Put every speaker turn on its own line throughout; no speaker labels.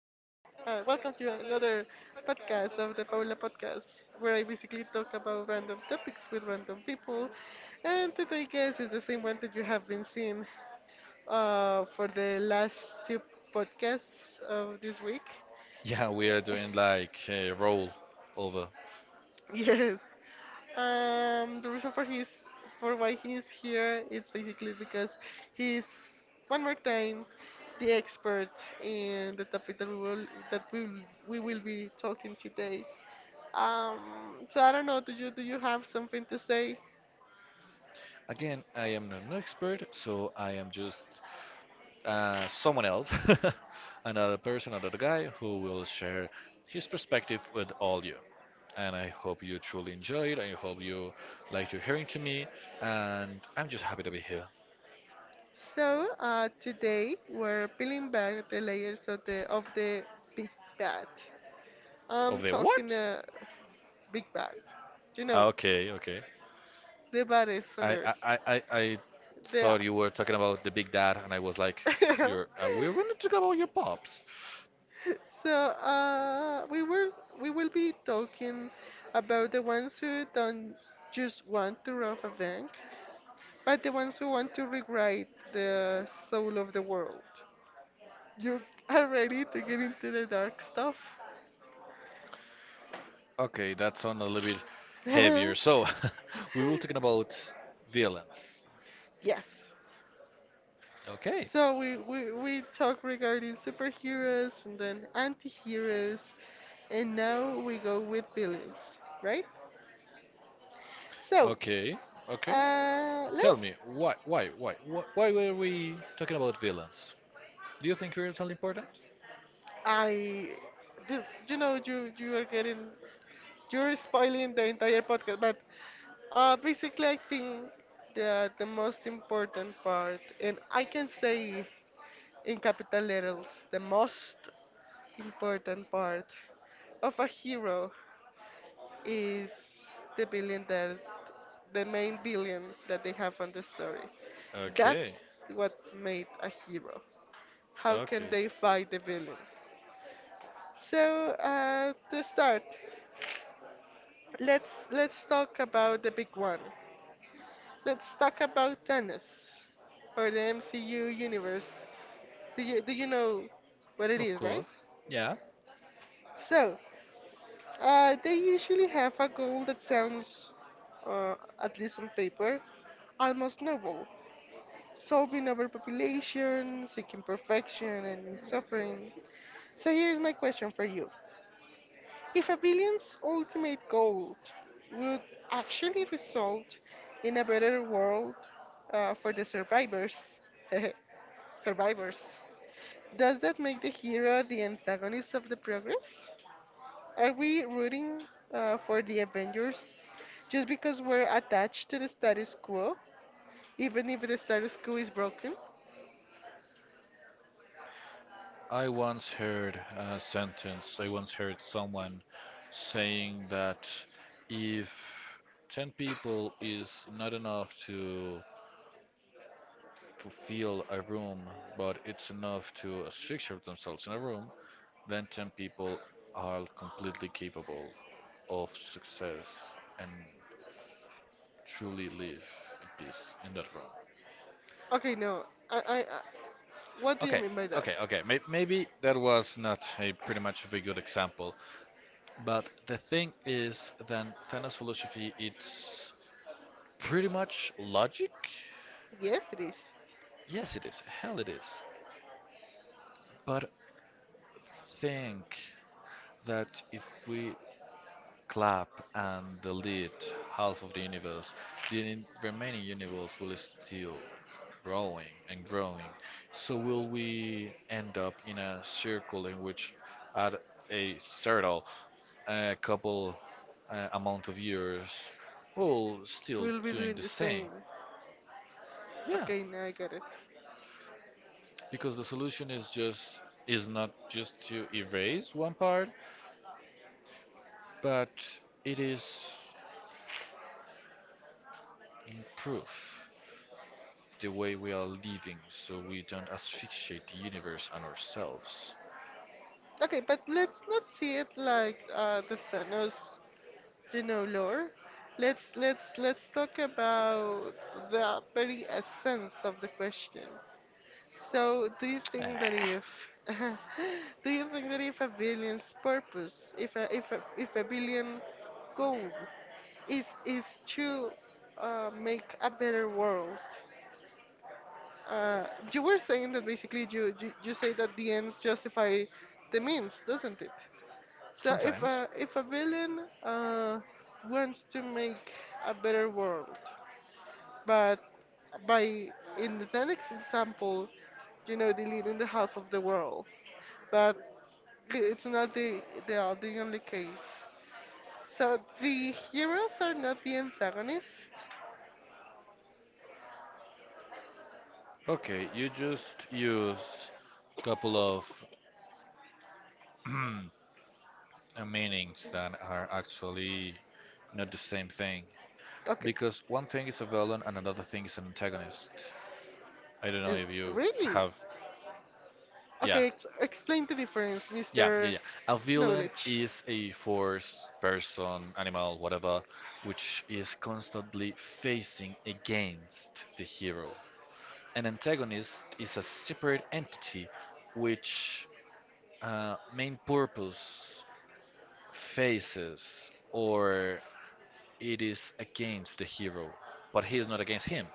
Welcome to another podcast of the Paula Podcast, where I basically talk about random topics with random people. And today, guys, is the same one that you have been seeing for the last two podcasts of this week.
Yeah, we are doing like a roll over.
Yes. The reason for his for why he's here it's basically because he's one more time the expert in the topic that we will be talking today. So I don't know, do you have something to say?
Again, I am not an expert, so I am just someone else, another person, another guy who will share his perspective with all you. And I hope you truly enjoy it. I hope you like to hearing to me. And I'm just happy to be here.
So today we're peeling back the layers of the big bad. I'm
Over there,
talking
what?
the big bad. You know,
Okay, okay.
the baddest on
I,
earth.
I, I, I I thought you were talking about the big
The
dad, and I was like, you're, we're going to talk about your pops.
So, we will be talking about the ones who don't just want to rob a bank, but the ones who want to rewrite the soul of the world. You are ready to get into the dark stuff?
Okay, that sounds a little bit heavier. So, we will talking about villains.
Yes.
Okay.
So we talk regarding superheroes and then anti-heroes, and now we go with villains, right? So,
Okay. Okay. Tell
Let's.
me, why were we talking about villains? Do you think villains are important?
I. You know, you are getting you're spoiling the entire podcast, but basically, I think that the most important part, and I can say in capital letters, the most important part of a hero is the villain that the main villain that they have on the story.
Okay.
That's what made a hero. How can they
Okay.
fight the villain? So, to start, let's talk about the big one. Let's talk about Thanos or the MCU universe. Do you know what it
Of
is, right?
course. Yeah.
So, they usually have a goal that sounds, uh, at least on paper, almost noble. Solving overpopulation, seeking perfection, and suffering. So here's my question for you. If a billion's ultimate goal would actually result in a better world for the survivors, survivors, does that make the hero the antagonist of the progress? Are we rooting for the Avengers just because we're attached to the status quo, even if the status quo is broken?
I once heard a sentence, I once heard someone saying that if 10 people is not enough to fulfill a room, but it's enough to structure themselves in a room, then 10 people are completely capable of success and truly live in peace in that room.
Okay, no. I, I, I, what do you
Okay,
mean by that?
okay. Maybe that was not a pretty much of a good example. But the thing is, then Thanos philosophy it's pretty much logic.
Yes, it is.
Yes, it is. Hell, it is. But think that if we clap and delete half of the universe, the remaining universe will still growing and growing. So will we end up in a circle in which, at a certain a couple amount of years, we'll still
We'll be
doing
doing
the
the
same.
same.
Yeah,
Okay, now I got it.
because the solution is just is not just to erase one part, but it is improve the way we are living so we don't asphyxiate the universe and ourselves.
Okay, but let's not see it like the Thanos, you know, lore. Let's talk about the very essence of the question. So, do you think that
Ah,
if do you think that if a billion's purpose, if a billion goal is to make a better world, you were saying that basically you say that the ends justify the means, doesn't it? So if
sometimes.
a if a villain wants to make a better world, but by in the next example, you know, deleting the half of the world, but it's not the only case. So the heroes are not the antagonists.
Okay, you just use a couple of uh, meanings that are actually not the same thing,
Okay,
because one thing is a villain and another thing is an antagonist. I don't know
is-
if you
really?
have. Yeah,
Okay, ex explain the difference,
yeah, yeah,
Mr.
yeah. A villain
Knowledge.
is a force, person, animal, whatever, which is constantly facing against the hero. An antagonist is a separate entity which main purpose faces or it is against the hero, but he is not against him.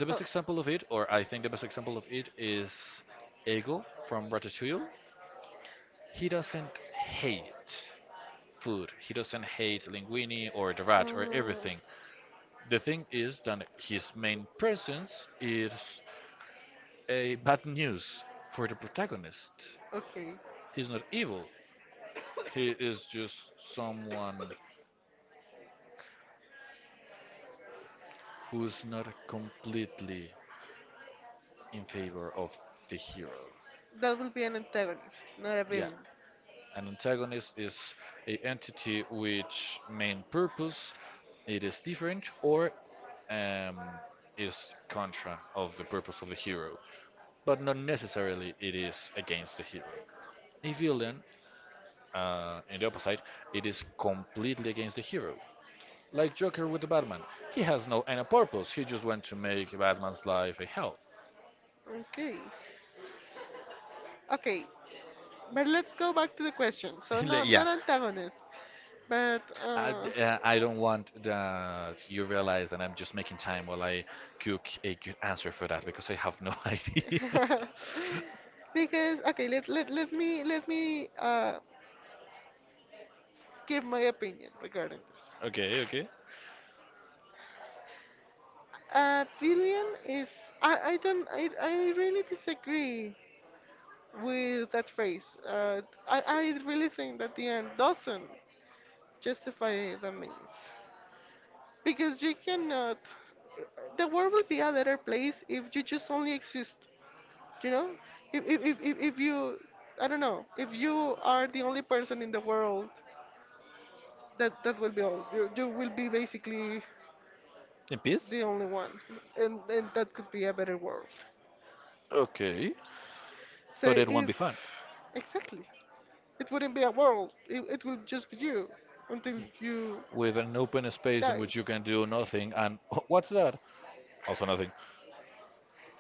The best example of it, or I think the best example of it, is Ego from Ratatouille. He doesn't hate food. He doesn't hate linguini or the rat or everything. The thing is that his main presence is a bad news for the protagonist.
Okay.
He's not evil. He is just someone who's not completely in favor of the hero.
That will be an antagonist, not a
Yeah.
villain.
An antagonist is a entity which main purpose it is different or um, is contra of the purpose of the hero, but not necessarily it is against the hero. A villain, in the opposite, it is completely against the hero. Like Joker with the Batman, he has no end purpose. He just wants to make Batman's life a hell.
Okay. Okay. But let's go back to the question. So not
yeah,
antagonist, but And
I don't want that you realize that I'm just making time while I cook a good answer for that because I have no idea.
because okay let me give my opinion regarding this.
Okay, okay.
A billion is I don't I really disagree with that phrase I really think that the end doesn't justify the means because you cannot the world will be a better place if you just only exist. You know, if you, I don't know, if you are the only person in the world, that that will be all. You will be basically
In peace?
the only one, and that could be a better world.
Okay.
So
But it won't
if
be fun.
exactly, it wouldn't be a world. It will just be you until you
With an open space in
die.
which you can do nothing and what's that? Also nothing.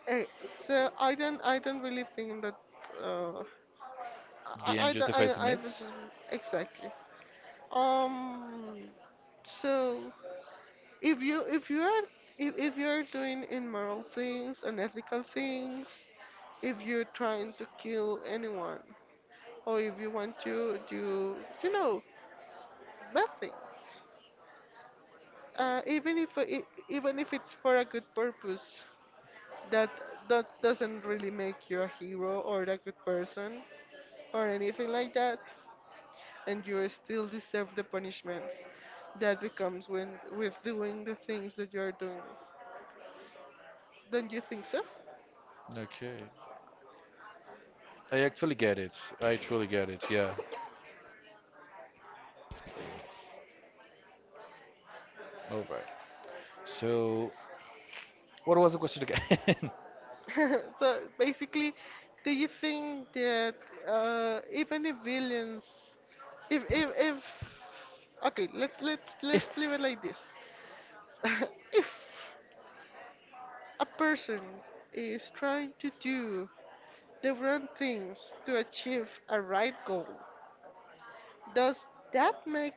Eh, so I don't really think that uh
The end
I, don't-
justifies the
I
myths?
exactly. Um, so if you are if you're doing immoral things, unethical things, if you're trying to kill anyone, or if you want to do you know bad things, even if it's for a good purpose, that that doesn't really make you a hero or a good person or anything like that, and you still deserve the punishment that becomes when with doing the things that you're doing. Don't you think so?
Okay. I actually get it. I truly get it, yeah. Alright. So, what was the question again?
So basically, do you think that even if villains, if okay, let's let's let's
If.
leave it like this. If a person is trying to do the wrong things to achieve a right goal, does that make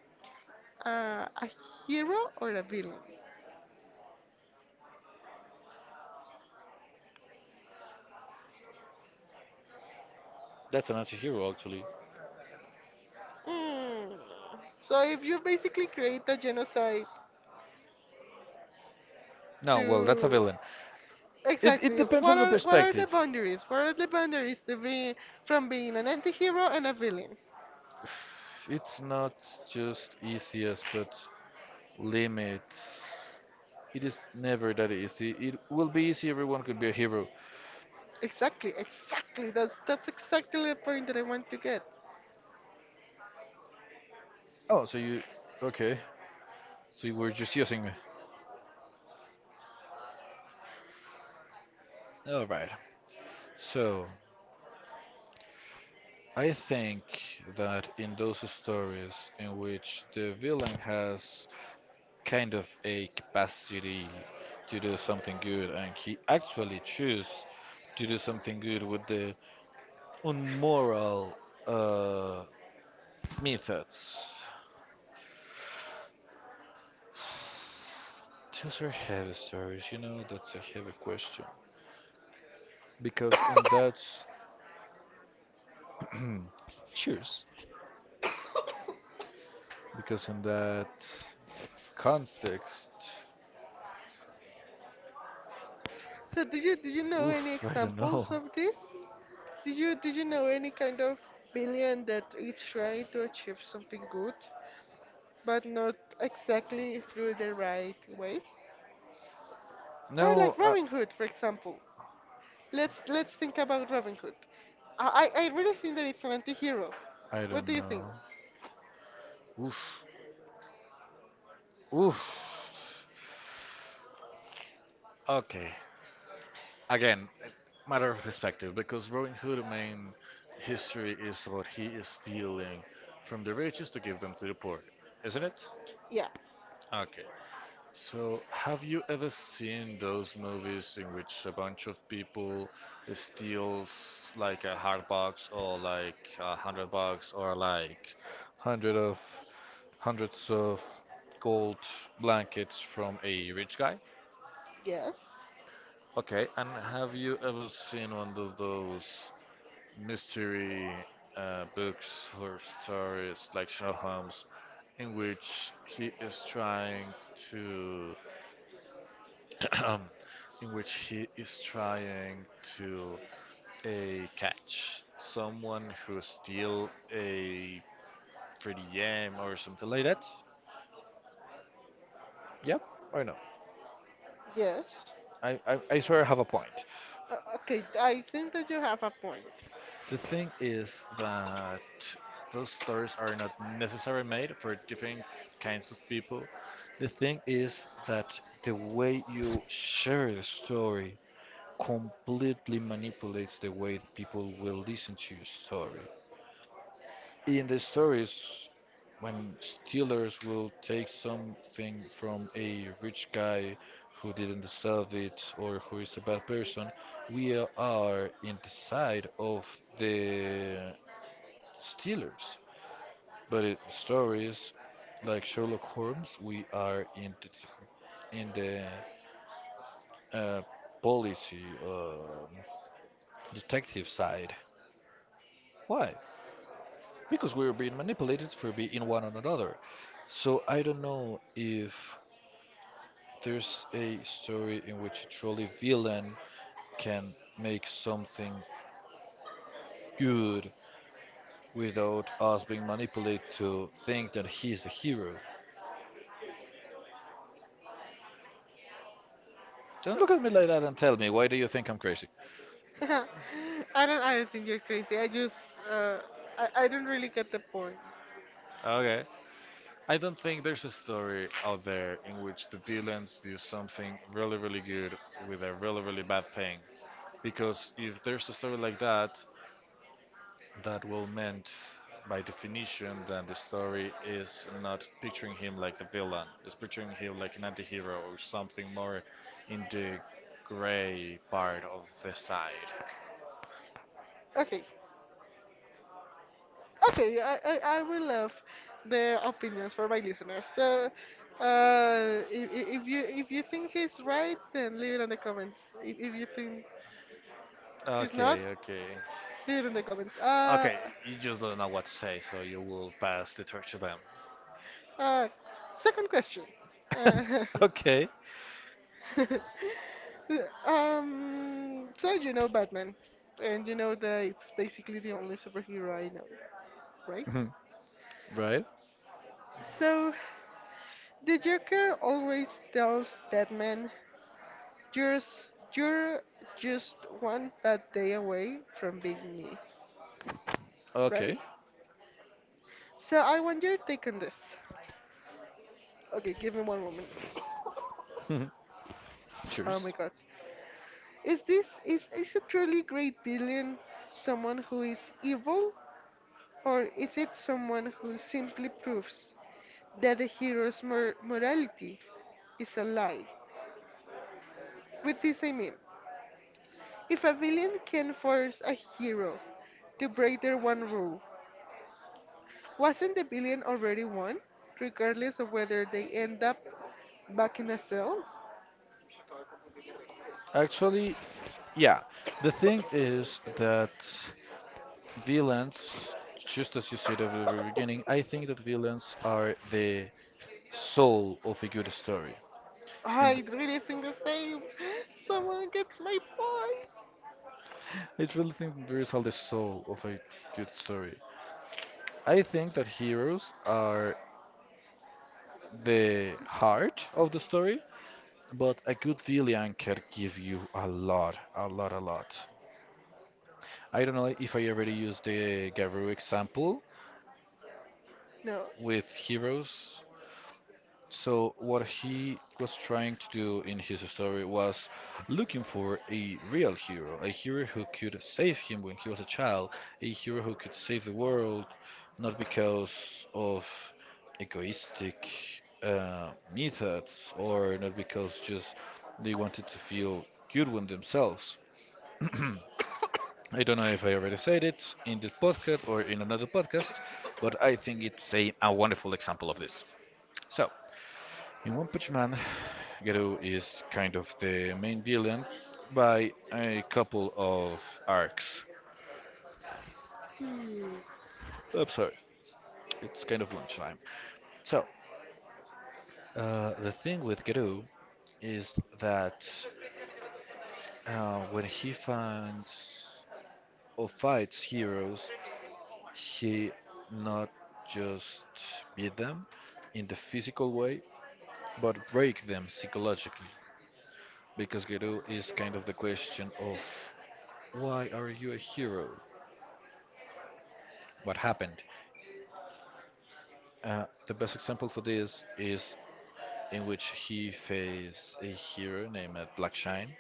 a hero or a villain?
That's an anti-hero, actually.
Hmm. So if you basically create a genocide
No, well, that's a
to
villain. It
Exactly.
depends on
What
the
are the
perspective.
boundaries? What are the boundaries to be from being an anti-hero and a villain?
It's not just easiest, but limits. It is never that easy. It will be easy. Everyone could be a hero.
Exactly, exactly. That's exactly the point that I want to get.
Oh, so you? Okay. So you were just using me. All right. So I think that in those stories in which the villain has kind of a capacity to do something good, and he actually chose to do something good with the unmoral uh, methods. Those are heavy stories, you know, that's a heavy question. Because in that cheers. Because in that context
So did you know any
oof, I don't
examples
know.
of this? Did you know any kind of villain that is trying to achieve something good, but not exactly through the right way? Ah,
No,
like Robin Hood, for example. Let's think about Robin Hood. I I really think that it's an anti-hero.
I
What
don't
do you think?
know. Oof. Oof. Okay. Again, matter of perspective, because Robin Hood the main history is about he is stealing from the riches to give them to the poor, isn't it?
Yeah.
Okay. So, have you ever seen those movies in which a bunch of people steals like a hard box or like $100 or like hundred of hundreds of gold blankets from a rich guy?
Yes,
Okay, and have you ever seen one of those mystery books or stories like Sherlock Holmes, in which he is trying to, in which he is trying to catch someone who steal a pretty gem or something like that? Yep, I know.
yes.
I swear I have a point.
O- Okay, I think that you have a point.
The thing is that those stories are not necessarily made for different kinds of people. The thing is that the way you share the story completely manipulates the way the people will listen to your story. In the stories, when stealers will take something from a rich guy who didn't deserve it or who is a bad person, we are in the side of the Steelers. But it stories like Sherlock Holmes, we are in the, in the uh, policy detective side. Why? Because we are being manipulated for being one on another. So I don't know if there's a story in which a truly villain can make something good without us being manipulated to think that he's the hero. Don't look at me like that and tell me why do you think I'm crazy?
I don't think you're crazy. I just, uh, I don't really get the point.
Okay. I don't think there's a story out there in which the villains do something really, really good with a really, really bad thing. Because if there's a story like that, that will meant by definition that the story is not picturing him like the villain. It's picturing him like an anti-hero or something more in the gray part of the side.
Okay, okay. I will love the opinions for my listeners. So, if you think he's right, then leave it in the comments. If you think he's not,
Okay, okay.
leave it in the comments.
Okay, you just don't know what to say, so you will pass the torch to them.
Uh, second question. Uh,
Okay.
so you know Batman, and you know that it's basically the only superhero I know, right?
Right?
So the Joker always tells Batman, " You're just one bad day away from being me, right?"
Okay.
So I want your take on this. Okay, give me one moment. Oh my
Cheers.
god. Is this is a truly great villain someone who is evil, or is it someone who simply proves that the hero's morality is a lie? With this, I mean, if a villain can force a hero to break their one rule, wasn't the villain already won, regardless of whether they end up back in a cell?
Actually, yeah. The thing is that villains, just as you said at the very beginning, I think that villains are the soul of a good story. And
I
th-
really think the same. Someone gets my point.
I really think that villains are the soul of a good story. I think that heroes are the heart of the story, but a good villain can give you a lot, a lot, a lot. I don't know if I already used the Garou example,
No.
with heroes. So what he was trying to do in his story was looking for a real hero, a hero who could save him when he was a child, a hero who could save the world, not because of egoistic methods or not because just they wanted to feel good with themselves. I don't know if I already said it in this podcast or in another podcast, but I think it's a wonderful example of this. So, in One Punch Man, Geru is kind of the main villain by a couple of arcs. I'm sorry, it's kind of lunchtime. So, the thing with Geru is that when he finds or fights heroes, he not just beat them in the physical way, but break them psychologically. Because Geru is kind of the question of why are you a hero? What happened? The best example for this is in which he faced a hero named Blackshine.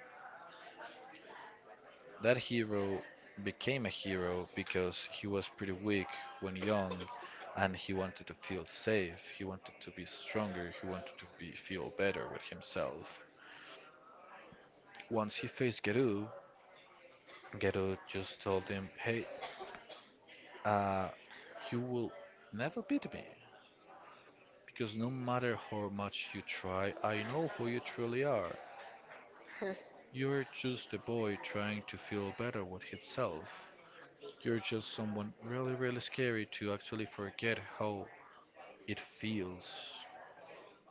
That hero became a hero because he was pretty weak when young and he wanted to feel safe, he wanted to be stronger, he wanted to be, feel better with himself. Once he faced Geru, Geru just told him, "Hey, uh, you will never beat me because no matter how much you try, I know who you truly are. You're just a boy trying to feel better with himself. You're just someone really, really scary to actually forget how it feels.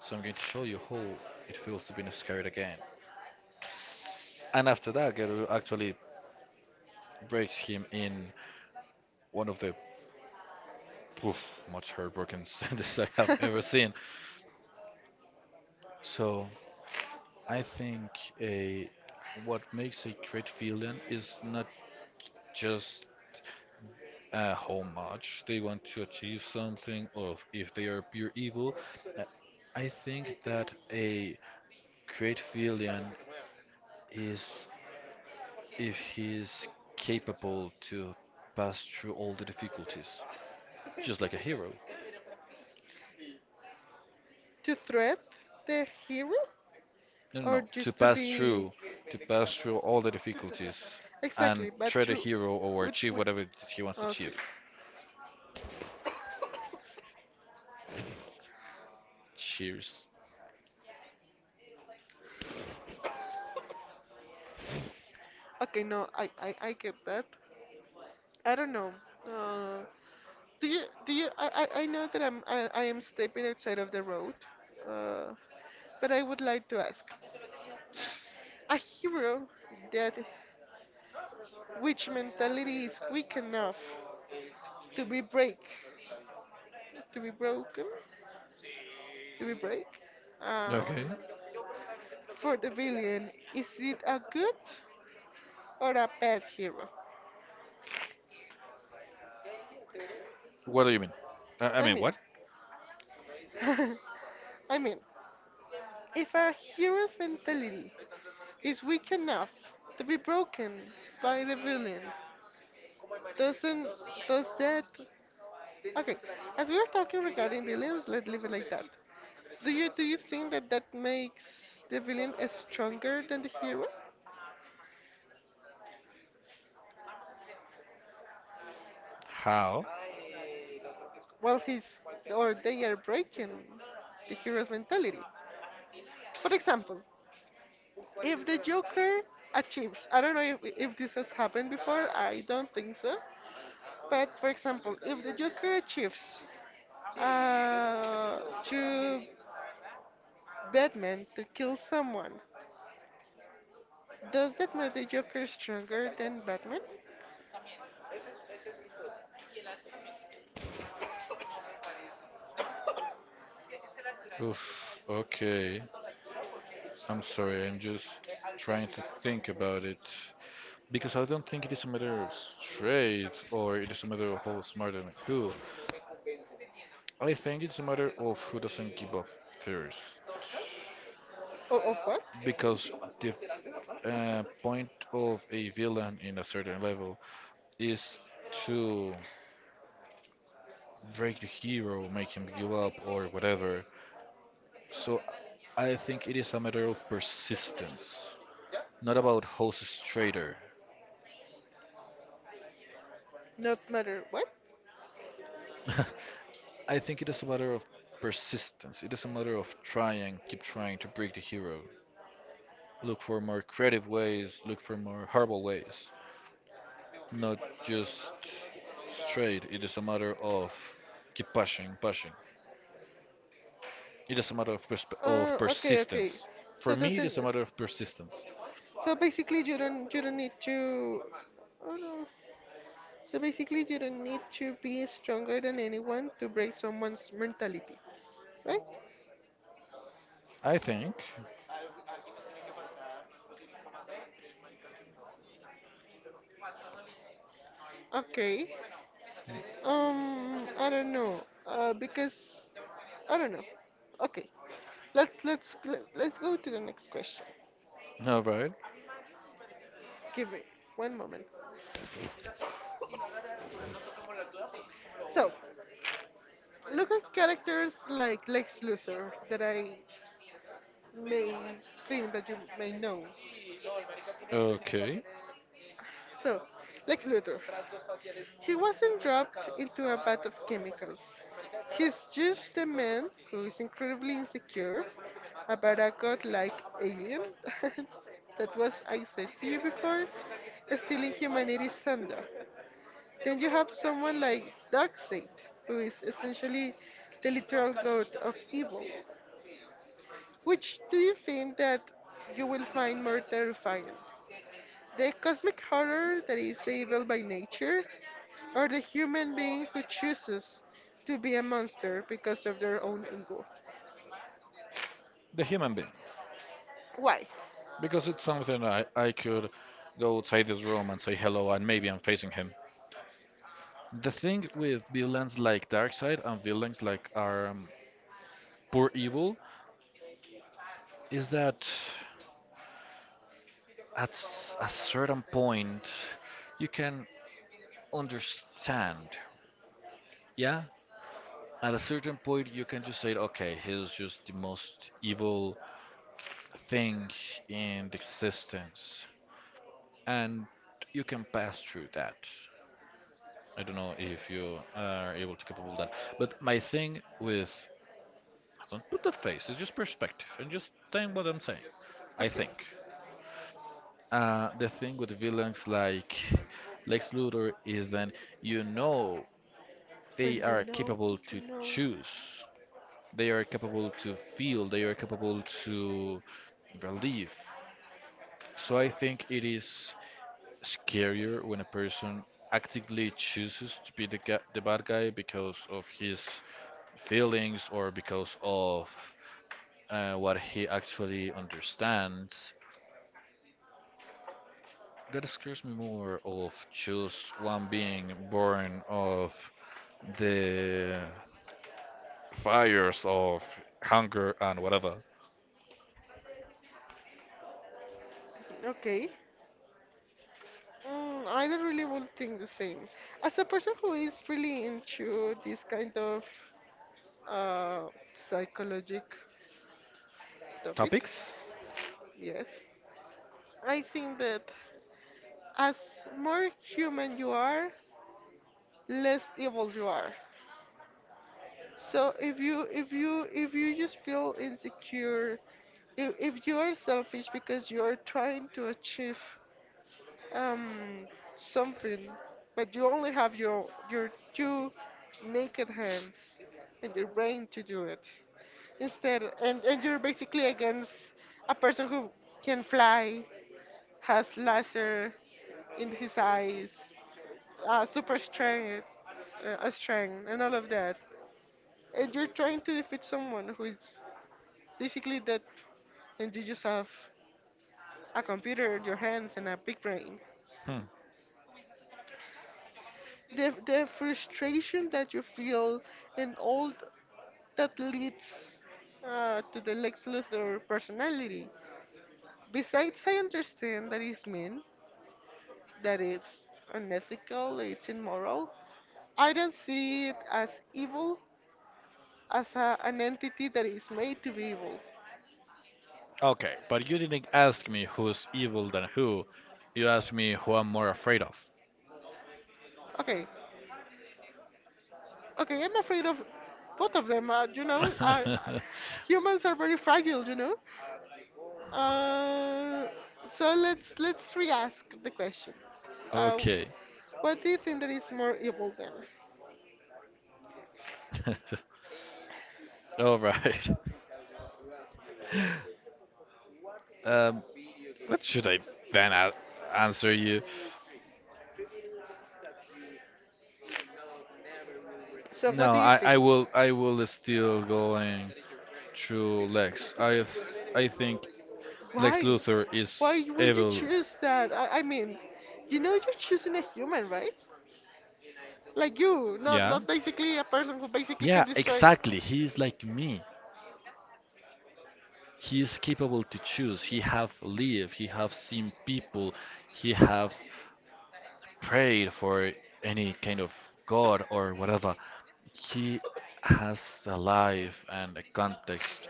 So I'm going to show you how it feels to be scared again." And after that, Geru actually breaks him in one of the poof, much heartbroken sentences I have ever seen. So I think a what makes a great villain is not just how much they want to achieve something, or if they are pure evil. Uh, I think that a great villain is if he is capable to pass through all the difficulties, just like a hero.
to threat the hero
No, no,
or
no.
just to be
To pass through all the difficulties, and
exactly, but
try the
through
hero or
which
achieve
way?
whatever it is he wants to
Okay,
achieve. Cheers.
okay, no, I get that. I don't know. Uh, do you I know that I am stepping outside of the road, uh, but I would like to ask a hero that which mentality is weak enough to be break to be broken to be break um,
Okay.
for the villain, is it a good or a bad hero?
What do you mean? I
I
mean
mean,
what?
I mean, if a hero's mentality is weak enough to be broken by the villain, doesn't does that okay? As we were talking regarding villains, let's leave it like that. Do you think that that makes the villain is stronger than the hero?
How?
Well, he's or they are breaking the hero's mentality. For example, if the Joker achieves, I don't know if this has happened before. I don't think so. But for example, if the Joker achieves to Batman to kill someone. Does that make the Joker stronger than Batman?
Oof. Okay. I'm sorry, I'm just trying to think about it. Because I don't think it is a matter of straight or it is a matter of who's smarter than who. I think it's a matter of who doesn't give up first.
Oh, of what?
Because the point of a villain in a certain level is to break the hero, make him give up, or whatever. So I think it is a matter of persistence, not about who's straighter.
Not matter what?
I think it is a matter of persistence. It is a matter of trying, keep trying to break the hero. Look for more creative ways, look for more horrible ways. Not just straight. It is a matter of keep pushing, pushing. It is a matter of, persp of
Okay, okay.
persistence. For
So
me, it
doesn't
is a matter of persistence.
so basically you don't need to oh no. So basically you don't need to be stronger than anyone to break someone's mentality, right?
I think.
Okay. I don't know. Because I don't know. Okay. Let's let's let's go to the next question.
All right.
Give me one moment. So, look at characters like Lex Luthor that I may think that you may know.
Okay.
So, Lex Luthor. He wasn't dropped into a bath of chemicals. He's just a man who is incredibly insecure about a godlike alien that was, I said to you before, stealing humanity's thunder. Then you have someone like Darkseid, who is essentially the literal god of evil. Which do you think that you will find more terrifying? The cosmic horror that is the evil by nature, or the human being who chooses to be a monster because of their own ego?
The human being.
Why?
Because it's something I could go outside this room and say hello, and maybe I'm facing him. The thing with villains like Darkseid and villains like our poor evil is that a certain point you can understand. Yeah? At a certain point you can just say, okay, he's just the most evil thing in existence. And you can pass through that. I don't know if you are able to capable that. But my thing with don't put that face, it's just perspective and just think what I'm saying. I
Okay.
think. The thing with villains like Lex Luthor is that you know they
When you
are
know
capable
what
to
you know.
choose, they are capable to feel, they are capable to relieve. So I think it is scarier when a person actively chooses to be the the bad guy because of his feelings or because of what he actually understands. That scares me more of just one being born of the fires of hunger and whatever
Okay. Mm, I don't really would think the same. As a person who is really into this kind of uh, psychologic topic,
topics.
yes, I think that as more human you are, less evil you are. So if you if you just feel insecure, if you are selfish because you are trying to achieve um something, but you only have your two naked hands and your brain to do it instead, and you're basically against a person who can fly, has laser in his eyes, super strength, a strength, and all of that, and you're trying to defeat someone who is basically dead, and you just have a computer, your hands, and a big brain.
Hmm.
The frustration that you feel and that leads to the Lex Luthor personality. Besides, I understand that it's mean, that it's unethical, it's immoral. I don't see it as evil, as a, an entity that is made to be evil.
Okay, but you didn't ask me who's evil than who. You asked me who I'm more afraid of.
Okay, okay, I'm afraid of both of them. You know, humans are very fragile. You know. Uh, so let's re-ask the question. Uh,
Okay.
what do you think that is more evil then?
All right. Um, what should I then answer you?
So
No,
what do you
I,
think?
I will I will still go and to Lex. I think Lex
Why?
Luthor
Why
is
would you
evil.
choose that? I mean, you know you're choosing a human, right? Like you,
Yeah.
not basically a person who basically can
Yeah,
destroy.
exactly. He is like me. He is capable to choose. He have lived. He have seen people. He have prayed for any kind of god or whatever. He has a life and a context.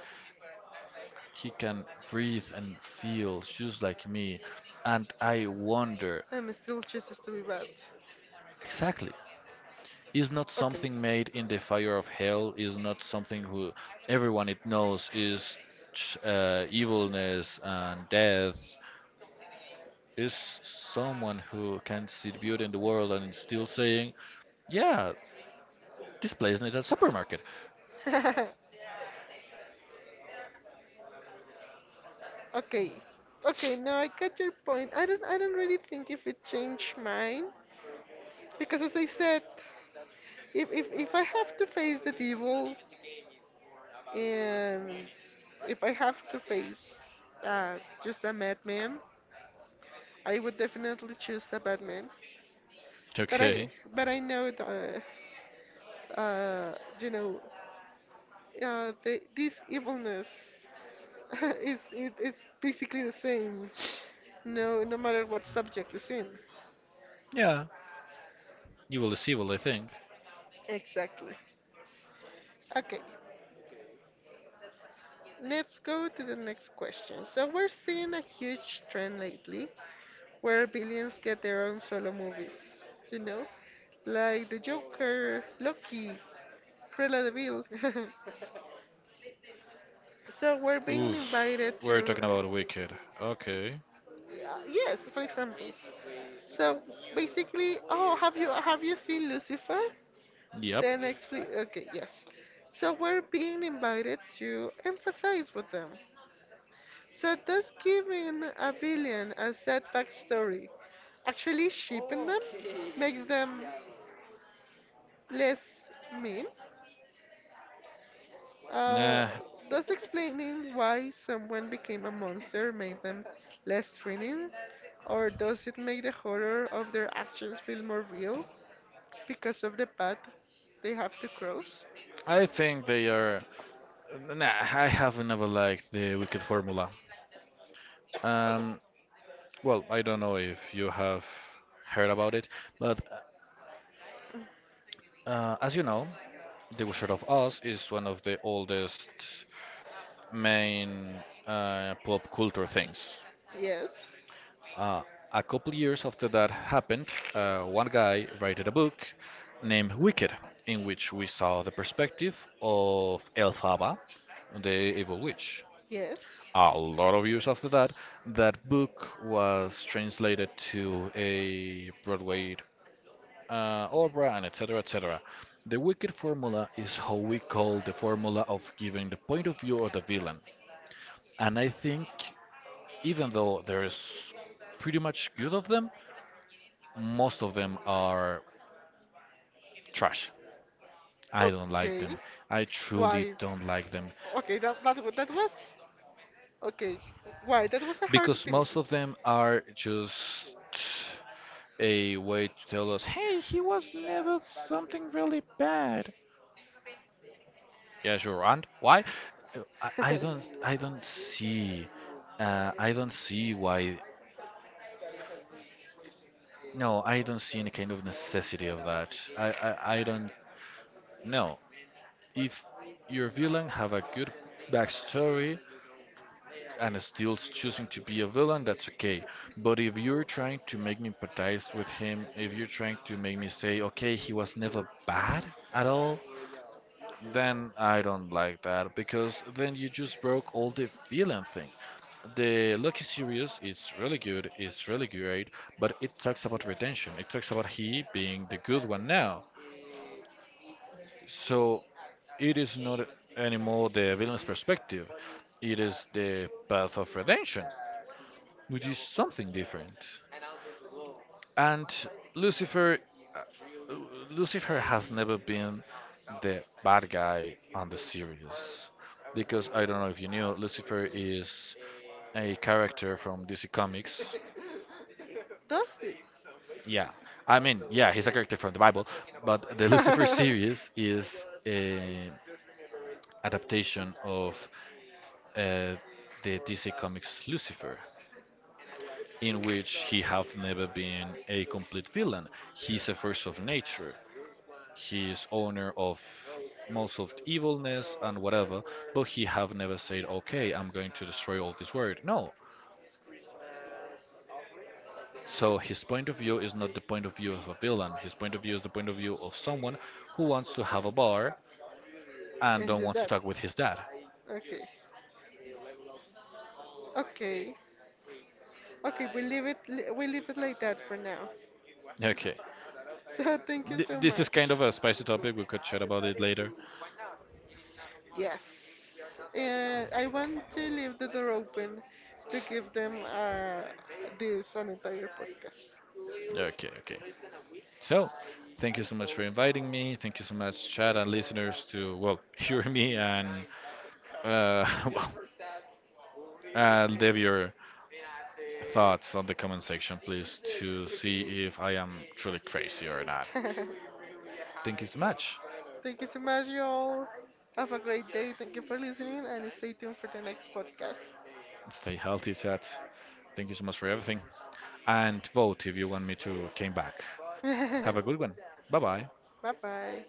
He can breathe and feel just like me. And I wonder
I'm still chooses to be bad.
exactly is not
Okay.
something made in the fire of hell, is not something who everyone it knows is evilness and death, is someone who can see the beauty in the world and is still saying, yeah, this place needs a supermarket.
okay. Okay, no, I get your point. I don't really think if it changed mine because as I said, if I have to face the devil and if I have to face uh, just a madman, I would definitely choose a madman. But I
Okay.
but I know the, you know the, this evilness it's basically the same. No, No matter what subject is in.
Yeah, evil is evil, I think.
Exactly. Okay, let's go to the next question. So we're seeing a huge trend lately where villains get their own solo movies. You know, like the Joker, Loki, Cruella de Vil. so we're being
Oof.
invited
We're
to,
talking about Wicked. Okay.
yes, for example. So basically, oh, have you seen Lucifer?
Yep.
Then explain. Okay, yes. So we're being invited to emphasize with them. So does giving a villain a sad backstory actually cheapen them? Makes them less mean? Uh,
Nah,
does explaining why someone became a monster make them less threatening? Or does it make the horror of their actions feel more real because of the path they have to cross?
I think they are. Nah, I have never liked the Wicked formula. Um, well, I don't know if you have heard about it, but as you know, The Wizard of Oz is one of the oldest main pop culture things.
Yes,
Uh, a couple years after that happened, one guy wrote a book named Wicked, in which we saw the perspective of Elphaba, the evil witch.
yes.
A lot of years after that, that book was translated to a Broadway aura, and etc. etc. The wicked formula is how we call the formula of giving the point of view of the villain. And I think even though there is pretty much good of them, most of them are trash. I don't like
Okay.
them. I truly
Why?
don't like them
Okay, that was okay. Why? That was a hard.
because most of them are just a way to tell us, hey, he was never something really bad. Yeah, sure. And why? Uh, I, I don't I don't see I don't see why, no, I don't see any kind of necessity of that. I don't know. If your villain have a good backstory and is still choosing to be a villain, that's okay. But if you're trying to make me empathize with him, if you're trying to make me say, okay, he was never bad at all, then I don't like that because then you just broke all the villain thing. The Lucky series is really good, it's really great, but it talks about retention. It talks about he being the good one now. So it is not anymore the villain's perspective, it is the path of redemption, which is something different. And Lucifer, uh, Lucifer has never been the bad guy on the series. Because I don't know if you knew, Lucifer is a character from DC Comics.
Does it?
Yeah, I mean, yeah, he's a character from the Bible, but the Lucifer series is a adaptation of uh, the DC Comics Lucifer, in which he have never been a complete villain. He's a force of nature. He is owner of most of the evilness and whatever, but he have never said, "Okay, I'm going to destroy all this world." No. So his point of view is not the point of view of a villain. His point of view is the point of view of someone who wants to have a bar and
And
don't
just
want to
that.
talk with his dad.
Okay. Okay. Okay, we leave we leave it like that for now.
Okay.
So thank you
Th-
so
this is
much.
kind of a spicy topic. We could chat about it later.
Yes. And I want to leave the door open to give them this an entire podcast.
Okay, okay. So, thank you so much for inviting me. Thank you so much, chat and listeners, to, well, hear me and, uh, well, leave your thoughts on the comment section, please, to see if I am truly crazy or not. Thank you so much.
Thank you so much, y'all. Have a great day. Thank you for listening and stay tuned for the next podcast.
Stay healthy, chat. Thank you so much for everything. And vote if you want me to came back. Have a good one. Bye bye.
bye bye.